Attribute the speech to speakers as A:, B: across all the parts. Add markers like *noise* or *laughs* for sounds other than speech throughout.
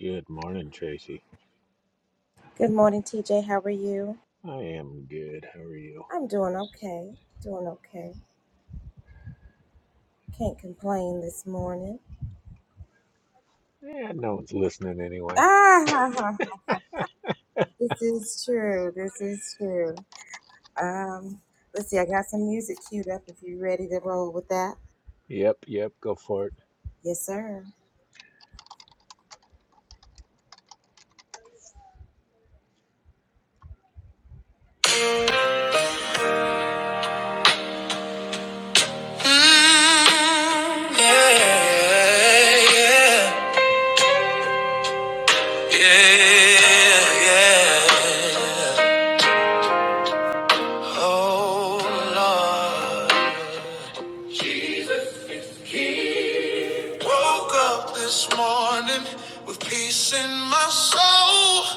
A: Good morning, Tracy. I am good. How are you? Yeah, no one's listening anyway. Yep, yep, go for it.
B: Mm, yeah, yeah, yeah, yeah. Oh, Lord. Woke up this morning with peace in my soul.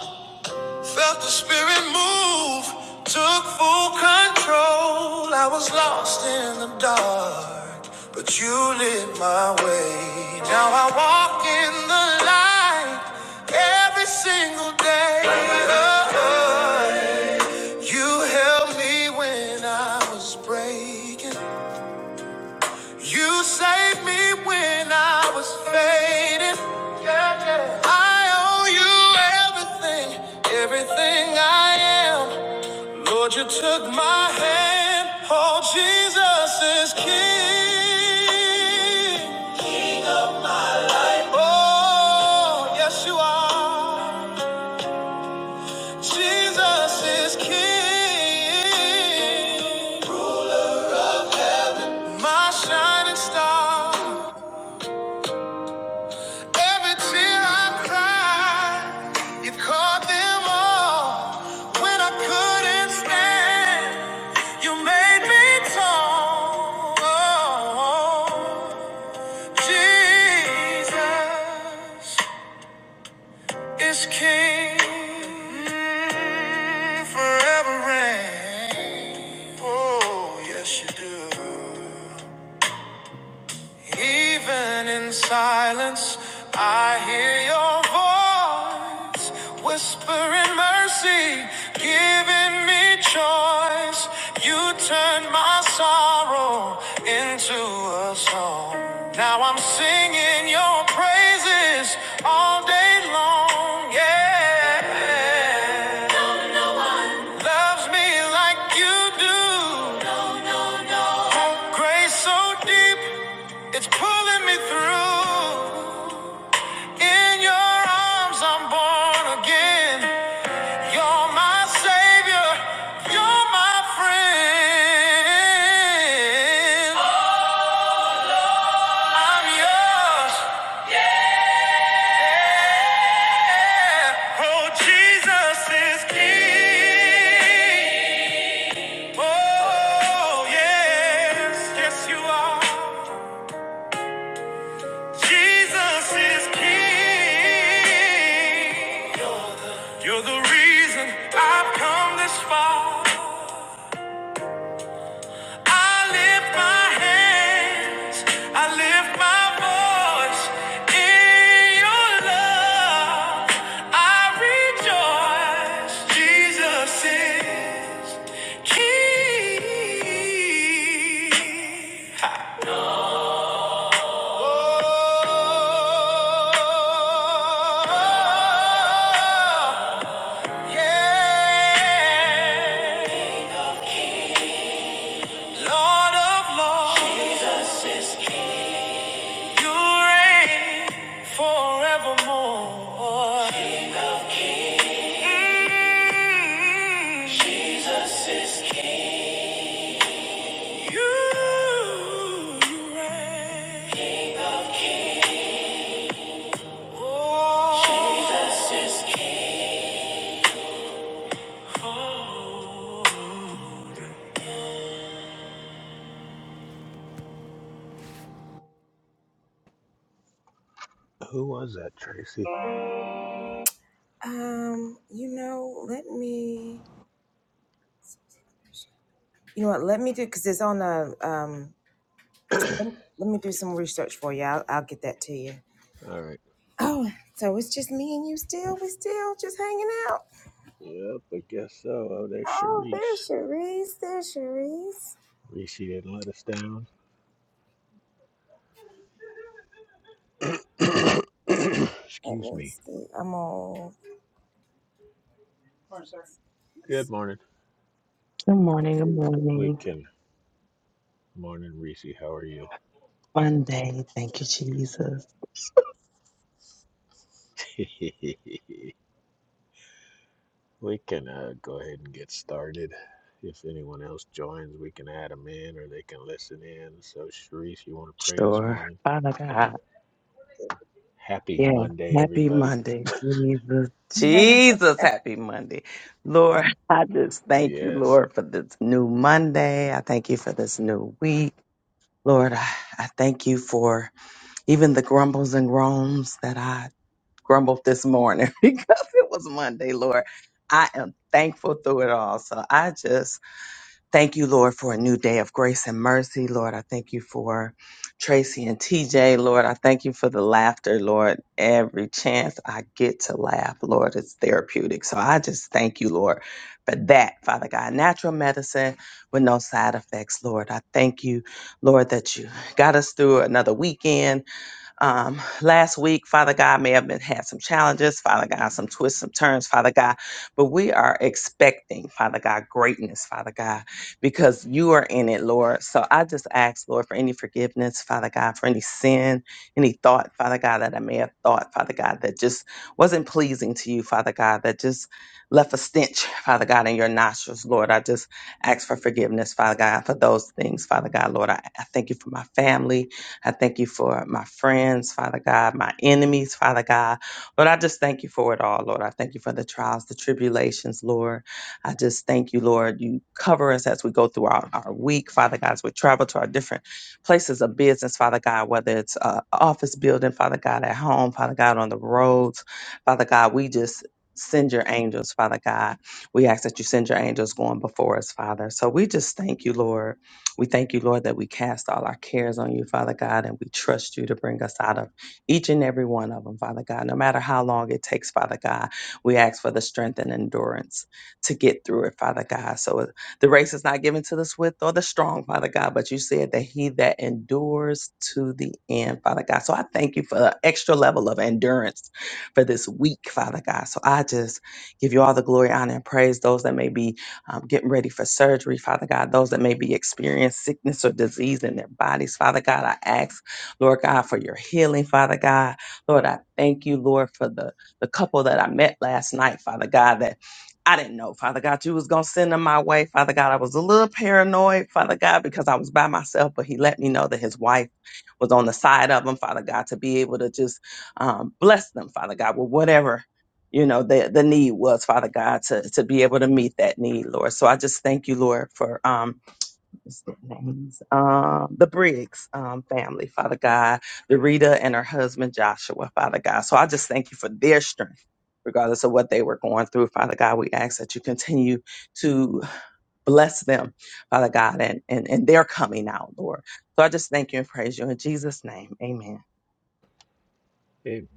B: Felt the spirit move, took full control. I was lost in the dark, but you lit my way. Now I walk in the light every single day. Oh, oh. yeah. You held me when I was breaking. You saved me when I was fading. Yeah, yeah. I owe you everything, everything I am. Lord, you took my hand. Oh, Jesus is King. King of my life. Oh, yes, you are. Jesus is King. My shining star. Every tear I cried, you caught them all. When I couldn't stand, you made me tall. Jesus is King. Mm, Forever reign. Oh, yes, you do. Even in silence, I hear your voice whispering mercy, giving me choice. You turn my sorrow into a song. Now I'm singing your praises all day long. Yeah, loves me like you do. Grace so deep, it's pulling me through. In your arms, I'm born again. You're my savior, you're my friend. I'm yours. Yeah. Oh, Jesus is king. Oh, yes, yes, you are. Jesus is king. You're the reason I've come this far. I lift my hands, I lift my voice in your love. I rejoice, Jesus is King. Oh, yeah. Lord of lords, Jesus is King. You reign forevermore. Mm. Jesus is King. You reign. King of kings. Oh. Jesus is King. Oh.
A: Who was that, Tracy? All right. Yep, I guess so. Oh, there's Charisse. Reese didn't let us down. *clears throat* Excuse me. Good morning.
C: Good morning, good
A: We
C: morning.
A: can. Morning, Reese. How are you?
C: Monday. Thank you, Jesus.
A: *laughs* we can uh, go ahead and get started. If anyone else joins, we can add them in or they can listen in. So, Charisse, you want to pray this
C: Sure.
A: morning?
C: Father God.
A: Happy
C: Yeah.
A: Monday,
C: Happy
A: everybody.
C: Monday. Jesus. Jesus, happy Monday. Lord, I just thank you,
A: Yes.
C: Lord, for this new Monday. I thank you for this new week. Lord, I, I thank you for even the grumbles and groans that I grumbled this morning *laughs* because it was Monday, Lord. I am thankful through it all. So I just Thank you, Lord, for a new day of grace and mercy. Lord, I thank you for Tracy and TJ. Lord, I thank you for the laughter, Lord. Every chance I get to laugh, Lord, it's therapeutic. So I just thank you, Lord, for that, Father God. Natural medicine with no side effects, Lord. I thank you, Lord, that you got us through another weekend. Um, last week, Father God may have been had some challenges, Father God, some twists, some turns, Father God, but we are expecting, Father God, greatness, Father God, because you are in it, Lord. So I just ask, Lord, for any forgiveness, Father God, for any sin, any thought, Father God, that I may have thought, Father God, that just wasn't pleasing to you, Father God, that just left a stench, Father God, in your nostrils, Lord. I just ask for forgiveness, Father God, for those things, Father God, Lord. I, I thank you for my family. I thank you for my friends, Father God, my enemies, Father God. Lord, I just thank you for it all, Lord. I thank you for the trials, the tribulations, Lord. I just thank you, Lord. You cover us as we go throughout our week, Father God, as we travel to our different places of business, Father God, whether it's uh, office building, Father God, at home, Father God, on the roads, Father God, we just send your angels, Father God. We ask that you send your angels going before us, Father. So we just thank you, Lord. We thank you, Lord, that we cast all our cares on you, Father God, and we trust you to bring us out of each and every one of them, Father God. No matter how long it takes, Father God, we ask for the strength and endurance to get through it, Father God. So uh, the race is not given to the swift or the strong, Father God, but you said that he that endures to the end, Father God. So I thank you for the extra level of endurance for this week, Father God. So I just give you all the glory, honor, and praise. Those that may be um, getting ready for surgery, Father God, those that may be experiencing sickness or disease in their bodies, Father God, I ask, Lord God, for your healing, Father God. Lord, I thank you, Lord, for the, the couple that I met last night, Father God, that I didn't know, Father God, you was gonna send them my way. Father God, I was a little paranoid, Father God, because I was by myself, but he let me know that his wife was on the side of him, Father God, to be able to just um, bless them, Father God, with whatever you know the the need was father god to to be able to meet that need lord so i just thank you lord for um what's their names? um the briggs um family father god the rita and her husband joshua father god so i just thank you for their strength regardless of what they were going through father god we ask that you continue to bless them father god and and, and their coming out lord so i just thank you and praise you in jesus name amen
A: Amen.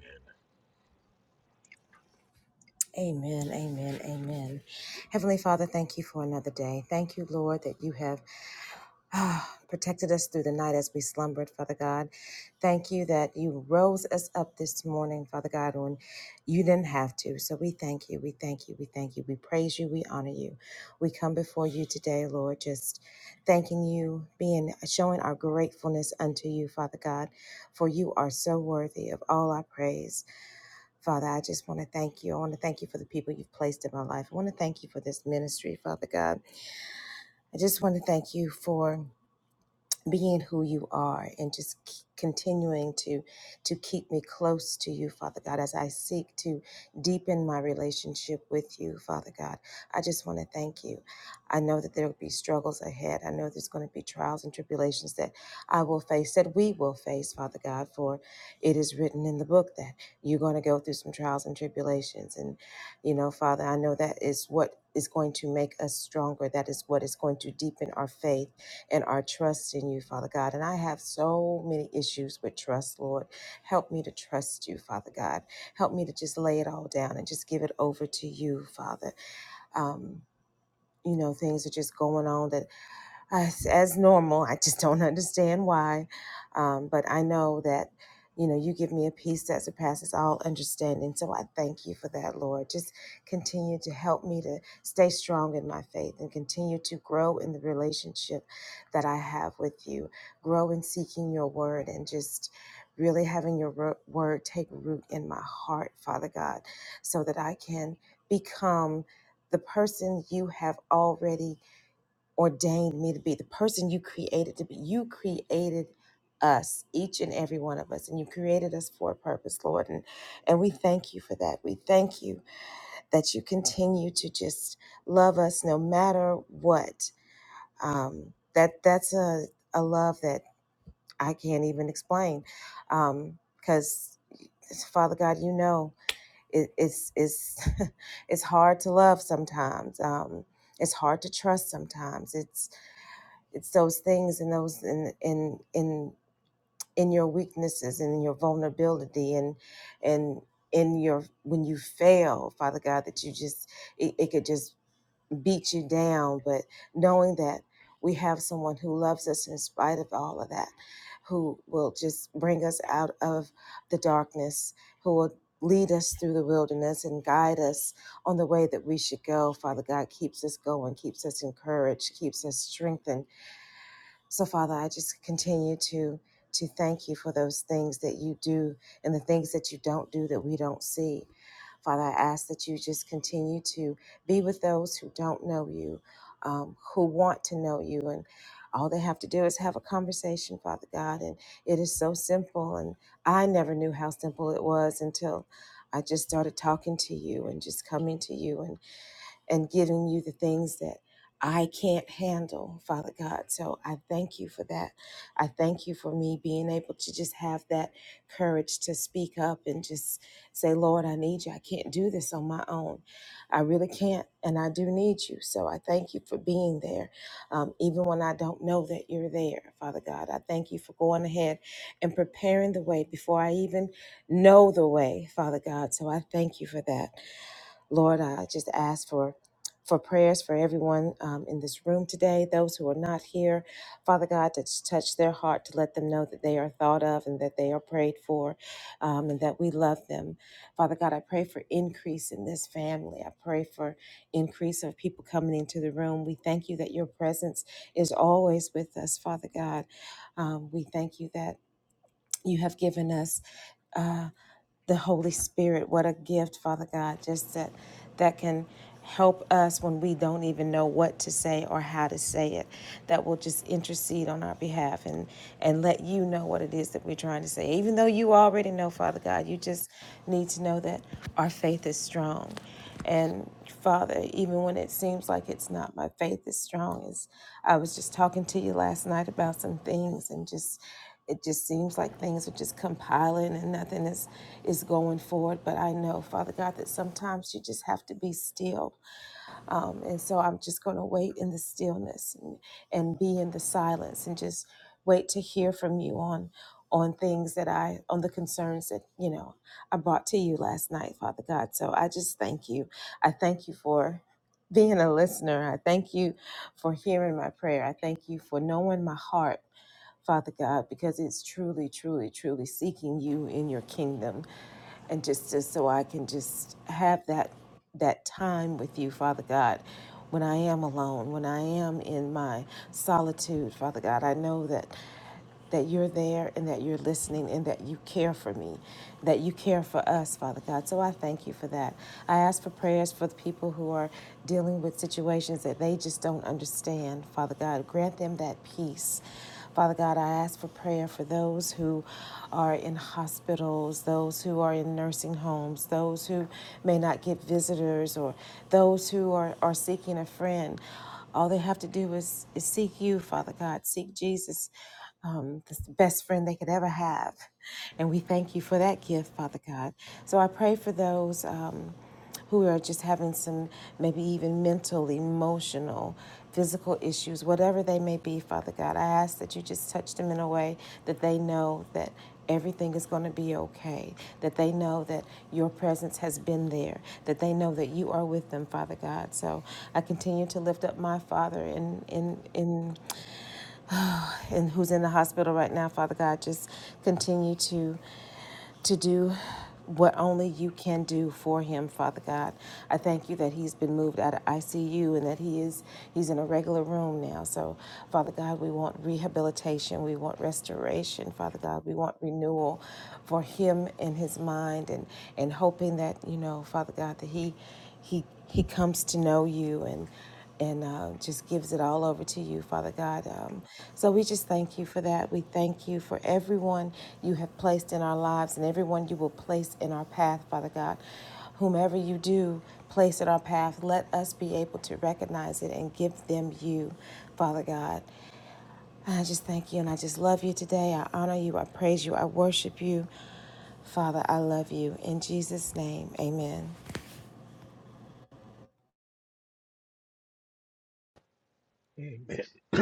A: Amen. *clears throat*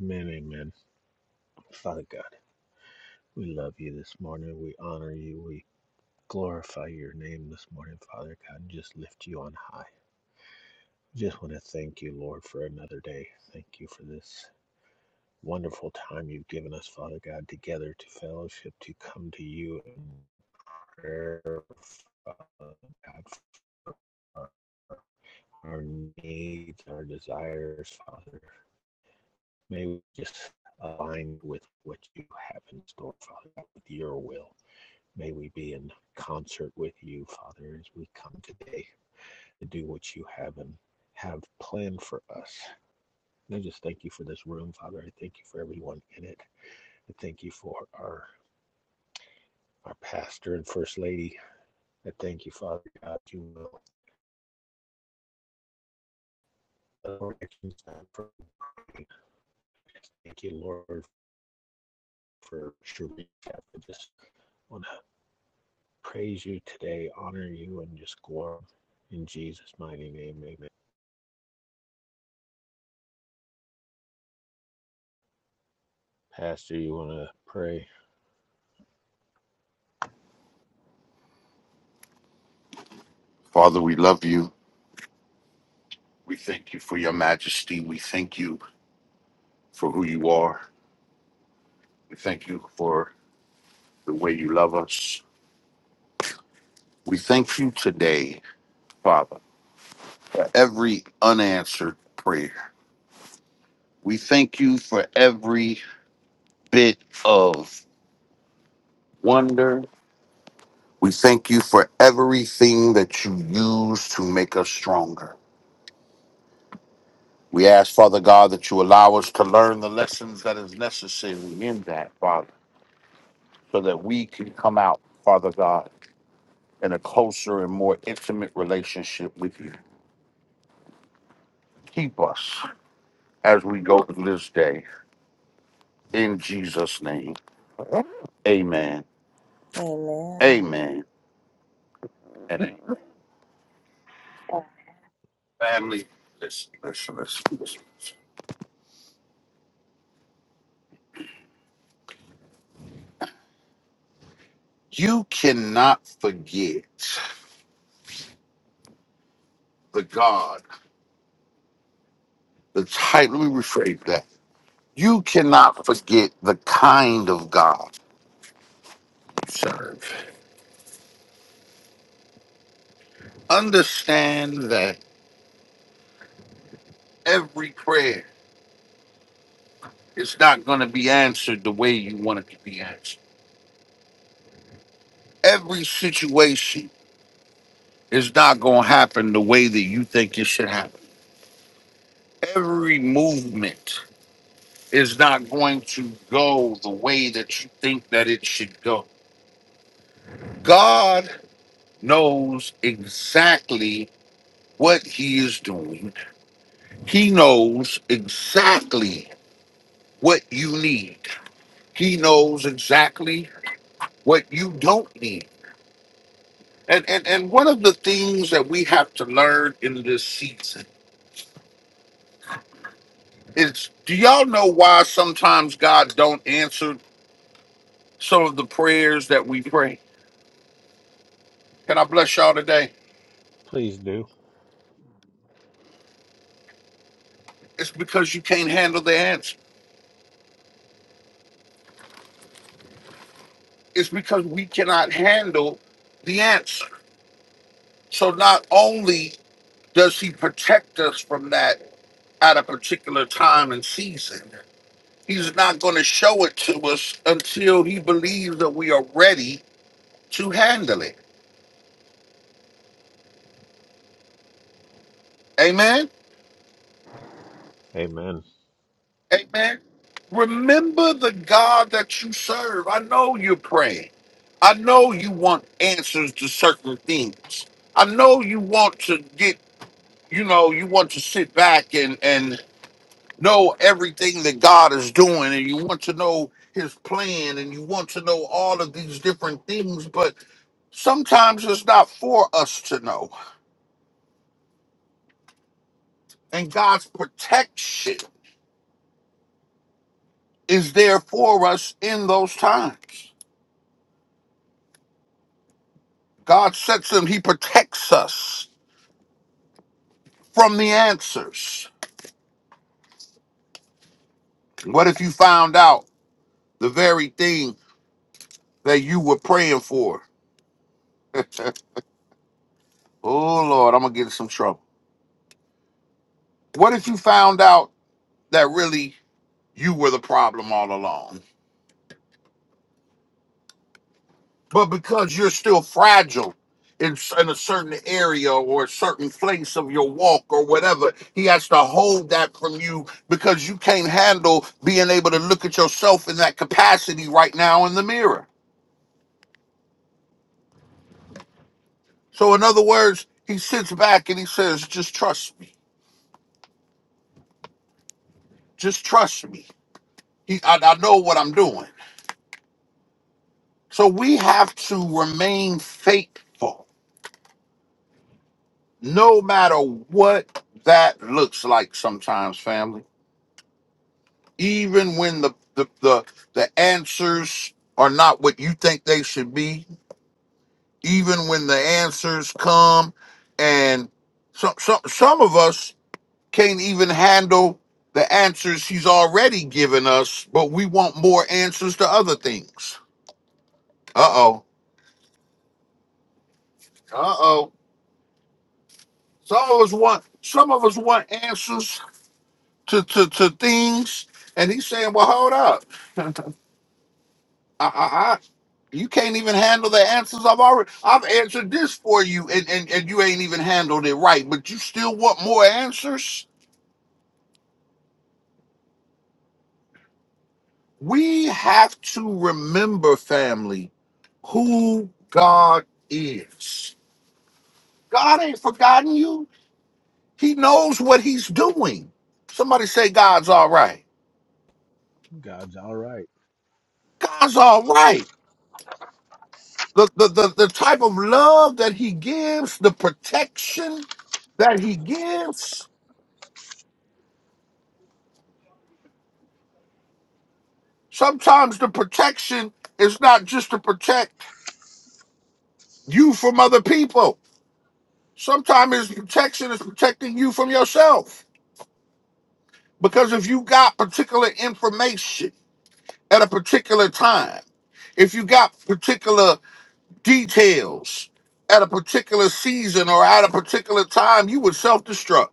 A: amen. Amen. Father God, we love you this morning. We honor you. We glorify your name this morning, Father God, and just lift you on high. Just want to thank you, Lord, for another day. Thank you for this wonderful time you've given us, Father God, together to fellowship, to come to you in prayer, Father God, for our needs, our desires, Father. May we just align with what you have in store, Father God, with your will. May we be in concert with you, Father, as we come today to do what you have and have planned for us. And I just thank you for this room, Father. I thank you for everyone in it. I thank you for our our pastor and first lady. I thank you, Father God, you will. Thank you, Lord, for sure for just on praise you today, honor you, and just glory in Jesus' mighty name. Amen. Pastor, you want to pray?
D: Father, we love you. We thank you for your majesty. We thank you for who you are. We thank you for the way you love us. We thank you today, Father, for every unanswered prayer. We thank you for every bit of wonder. We thank you for everything that you use to make us stronger. We ask, Father God, that you allow us to learn the lessons that is necessary in that, Father, so that we can come out, Father God. in a closer and more intimate relationship with you. Keep us as we go through this day. In Jesus' name. Amen. Amen. And amen. family, listen, listen, listen, listen. You cannot forget the God, the type. Let me rephrase that. You cannot forget the kind of God you serve. Understand that every prayer is not going to be answered the way you want it to be answered every situation is not going to happen the way that you think it should happen. Every movement is not going to go the way that you think that it should go. God knows exactly what he is doing. He knows exactly what you need. He knows exactly what you don't need. And and, and one of the things that we have to learn in this season It's do y'all know why sometimes God don't answer some of the prayers that we pray? Can I bless y'all today?
A: Please do.
D: It's because you can't handle the answer. It's because we cannot handle the answer. So not only does he protect us from that at a particular time and season, he's not going to show it to us until he believes that we are ready to handle it. Amen.
A: Amen.
D: Amen. Remember the God that you serve. I know you're praying. I know you want answers to certain things. I know you want to get, you know, you want to sit back and and know everything that God is doing and you want to know his plan and you want to know all of these different things, but sometimes it's not for us to know. And God's protection is there for us in those times. God sets them, He protects us from the answers. What if you found out the very thing that you were praying for? *laughs* oh, Lord, I'm going to get in some trouble. What if you found out that really you were the problem all along? But because you're still fragile in, s- in a certain area or a certain place of your walk or whatever, He has to hold that from you because you can't handle being able to look at yourself in that capacity right now in the mirror. So in other words, he sits back and he says, "Just trust me. Just trust me. He, I, I know what I'm doing." So we have to remain faithful, no matter what that looks like. Sometimes, family, even when the the the, the answers are not what you think they should be, even when the answers come, and some some some of us can't even handle the answers he's already given us, but we want more answers to other things. Uh oh. Uh oh. Some of us want some of us want answers to, to, to things, and he's saying, "Well, hold up, I, I, I, you can't even handle the answers I've already I've answered this for you, and, and and you ain't even handled it right, but you still want more answers." We have to remember, family, who God is God ain't forgotten you. He knows what he's doing. Somebody say God's all right.
A: God's all right.
D: God's all right. The, the, the, the type of love that he gives, the protection that he gives. Sometimes the protection is not just to protect you from other people. Sometimes his protection is protecting you from yourself. Because if you got particular information at a particular time, if you got particular details at a particular season or at a particular time, you would self destruct.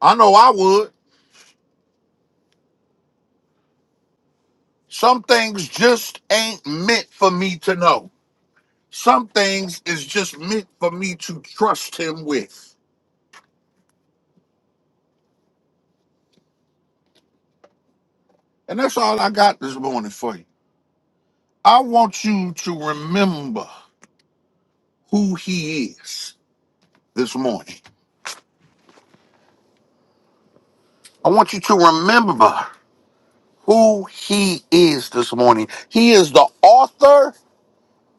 D: I know I would. Some things just ain't meant for me to know. Some things is just meant for me to trust him with. And that's all I got this morning for you. I want you to remember who he is this morning. I want you to remember who he is this morning. He is the author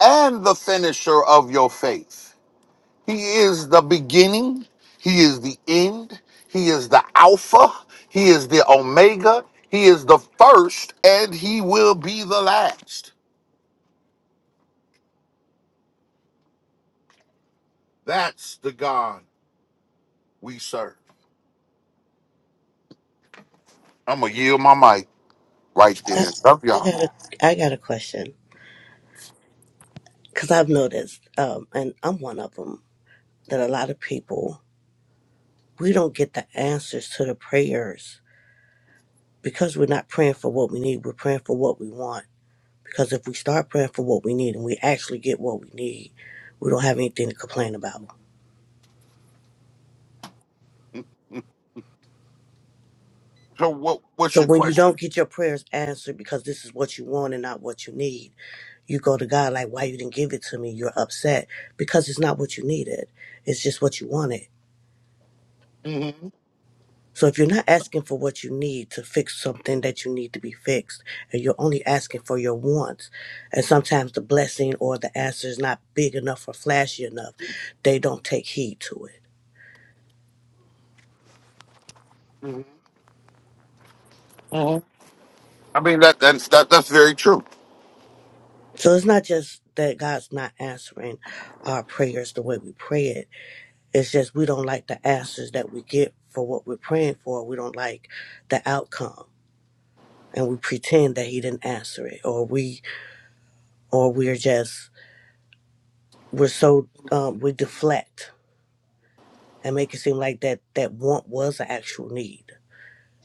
D: and the finisher of your faith. He is the beginning. He is the end. He is the Alpha. He is the Omega. He is the first, and he will be the last. That's the God we serve. I'm gonna yield my mic right there. Love
E: I got
D: y'all.
E: a I got a question because I've noticed, um, and I'm one of them, that a lot of people we don't get the answers to the prayers because we're not praying for what we need. We're praying for what we want. Because if we start praying for what we need and we actually get what we need, we don't have anything to complain about.
D: So, what, what's
E: So
D: your
E: when you don't
D: question?
E: get your prayers answered because this is what you want and not what you need, you go to God like, "Why you didn't give it to me?" You're upset because it's not what you needed; it's just what you wanted
D: hmm
E: So if you're not asking for what you need to fix something that you need to be fixed, and you're only asking for your wants, and sometimes the blessing or the answer is not big enough or flashy enough, they don't take heed to it.
D: hmm hmm I mean, that that's that, that's very true.
E: So it's not just that God's not answering our prayers the way we pray it. It's just we don't like the answers that we get for what we're praying for. We don't like the outcome. And we pretend that he didn't answer it, or we, or we're just, we're so, um, we deflect and make it seem like that that want was an actual need,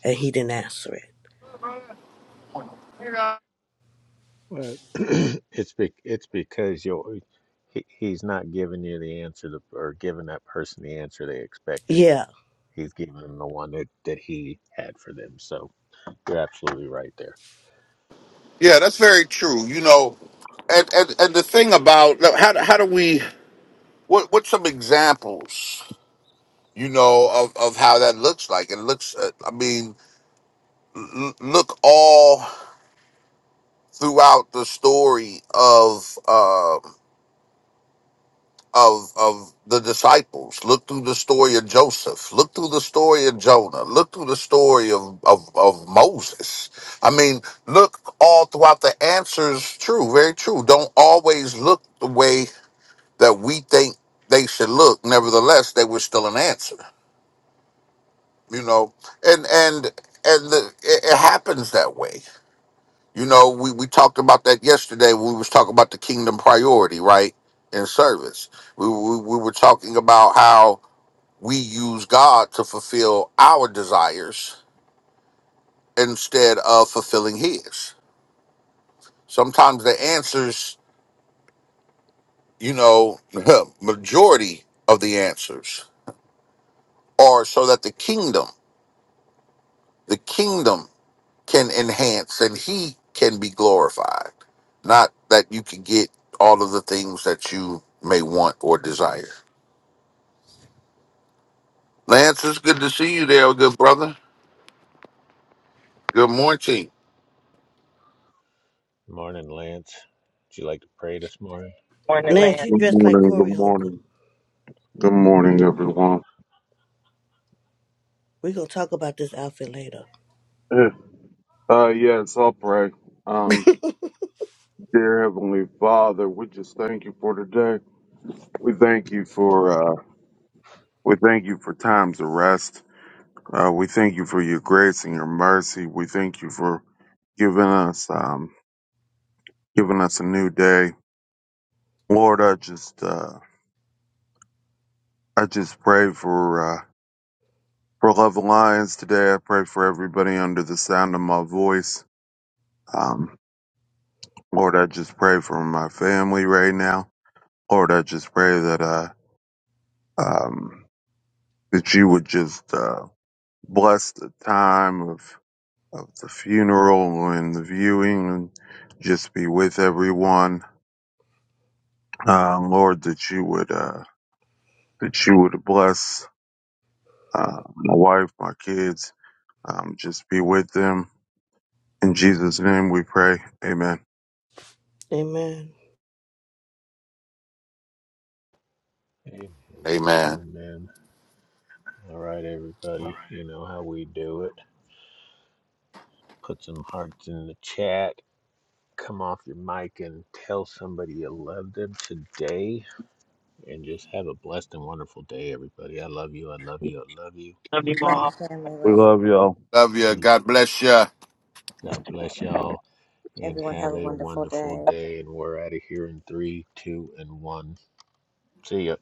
E: and he didn't answer it.
D: Yeah,
A: Well, *clears throat* it's be, it's because you are he, he's not giving you the answer to, or giving that person the answer they expected.
E: Yeah,
A: He's giving them the one that, that he had for them. So you're absolutely right there.
D: that's very true. You know, and and, and the thing about how how do we what what's some examples? you know of of how that looks like it looks uh, i mean l- look all throughout the story of um of of the disciples look through the story of joseph look through the story of jonah look through the story of of, of moses i mean look all throughout the answers true very true don't always look the way that we think they should look nevertheless they were still an answer you know and and and the, it, it happens that way you know we, we talked about that yesterday when we was talking about the kingdom priority right in service we, we, we were talking about how we use god to fulfill our desires instead of fulfilling his sometimes the answers you know *laughs* majority of the answers are so that the kingdom the kingdom can enhance and he can be glorified. Not that you can get all of the things that you may want or desire. Lance, it's good to see you there, good brother. Good morning.
A: Morning, Lance. Would you like to pray this morning?
C: morning Lamb.
E: Lance, you
F: Good
E: dressed like
F: morning,
E: Corey
F: good
E: Holcomb.
F: morning, good morning, everyone.
E: We're gonna talk about this outfit later.
F: Eh, Uh, yes, I'll pray. Um, dear Heavenly Father, we just thank you for today. We thank you for, uh, we thank you for times of rest. Uh, we thank you for your grace and your mercy. We thank you for giving us, um, giving us a new day. Lord, I just, uh, I just pray for, uh, for Love Alliance today. I pray for everybody under the sound of my voice. Um, Lord, I just pray for my family right now. Lord, I just pray that uh um that you would just uh bless the time of of the funeral and the viewing and just be with everyone. Uh, Lord, that you would uh that you would bless uh my wife, my kids, um just be with them. In Jesus' name we pray. Amen.
E: Amen.
A: Amen.
D: Amen.
A: Amen. All right, everybody. You know how we do it. Put some hearts in the chat. Come off your mic and tell somebody you love them today. And just have a blessed and wonderful day, everybody. I love you. I love you. I love you.
F: We love y'all.
D: Love you.
A: Be-
D: God bless you.
A: God bless y'all. And have a wonderful day. And we're out of here in three, two, and one. See ya.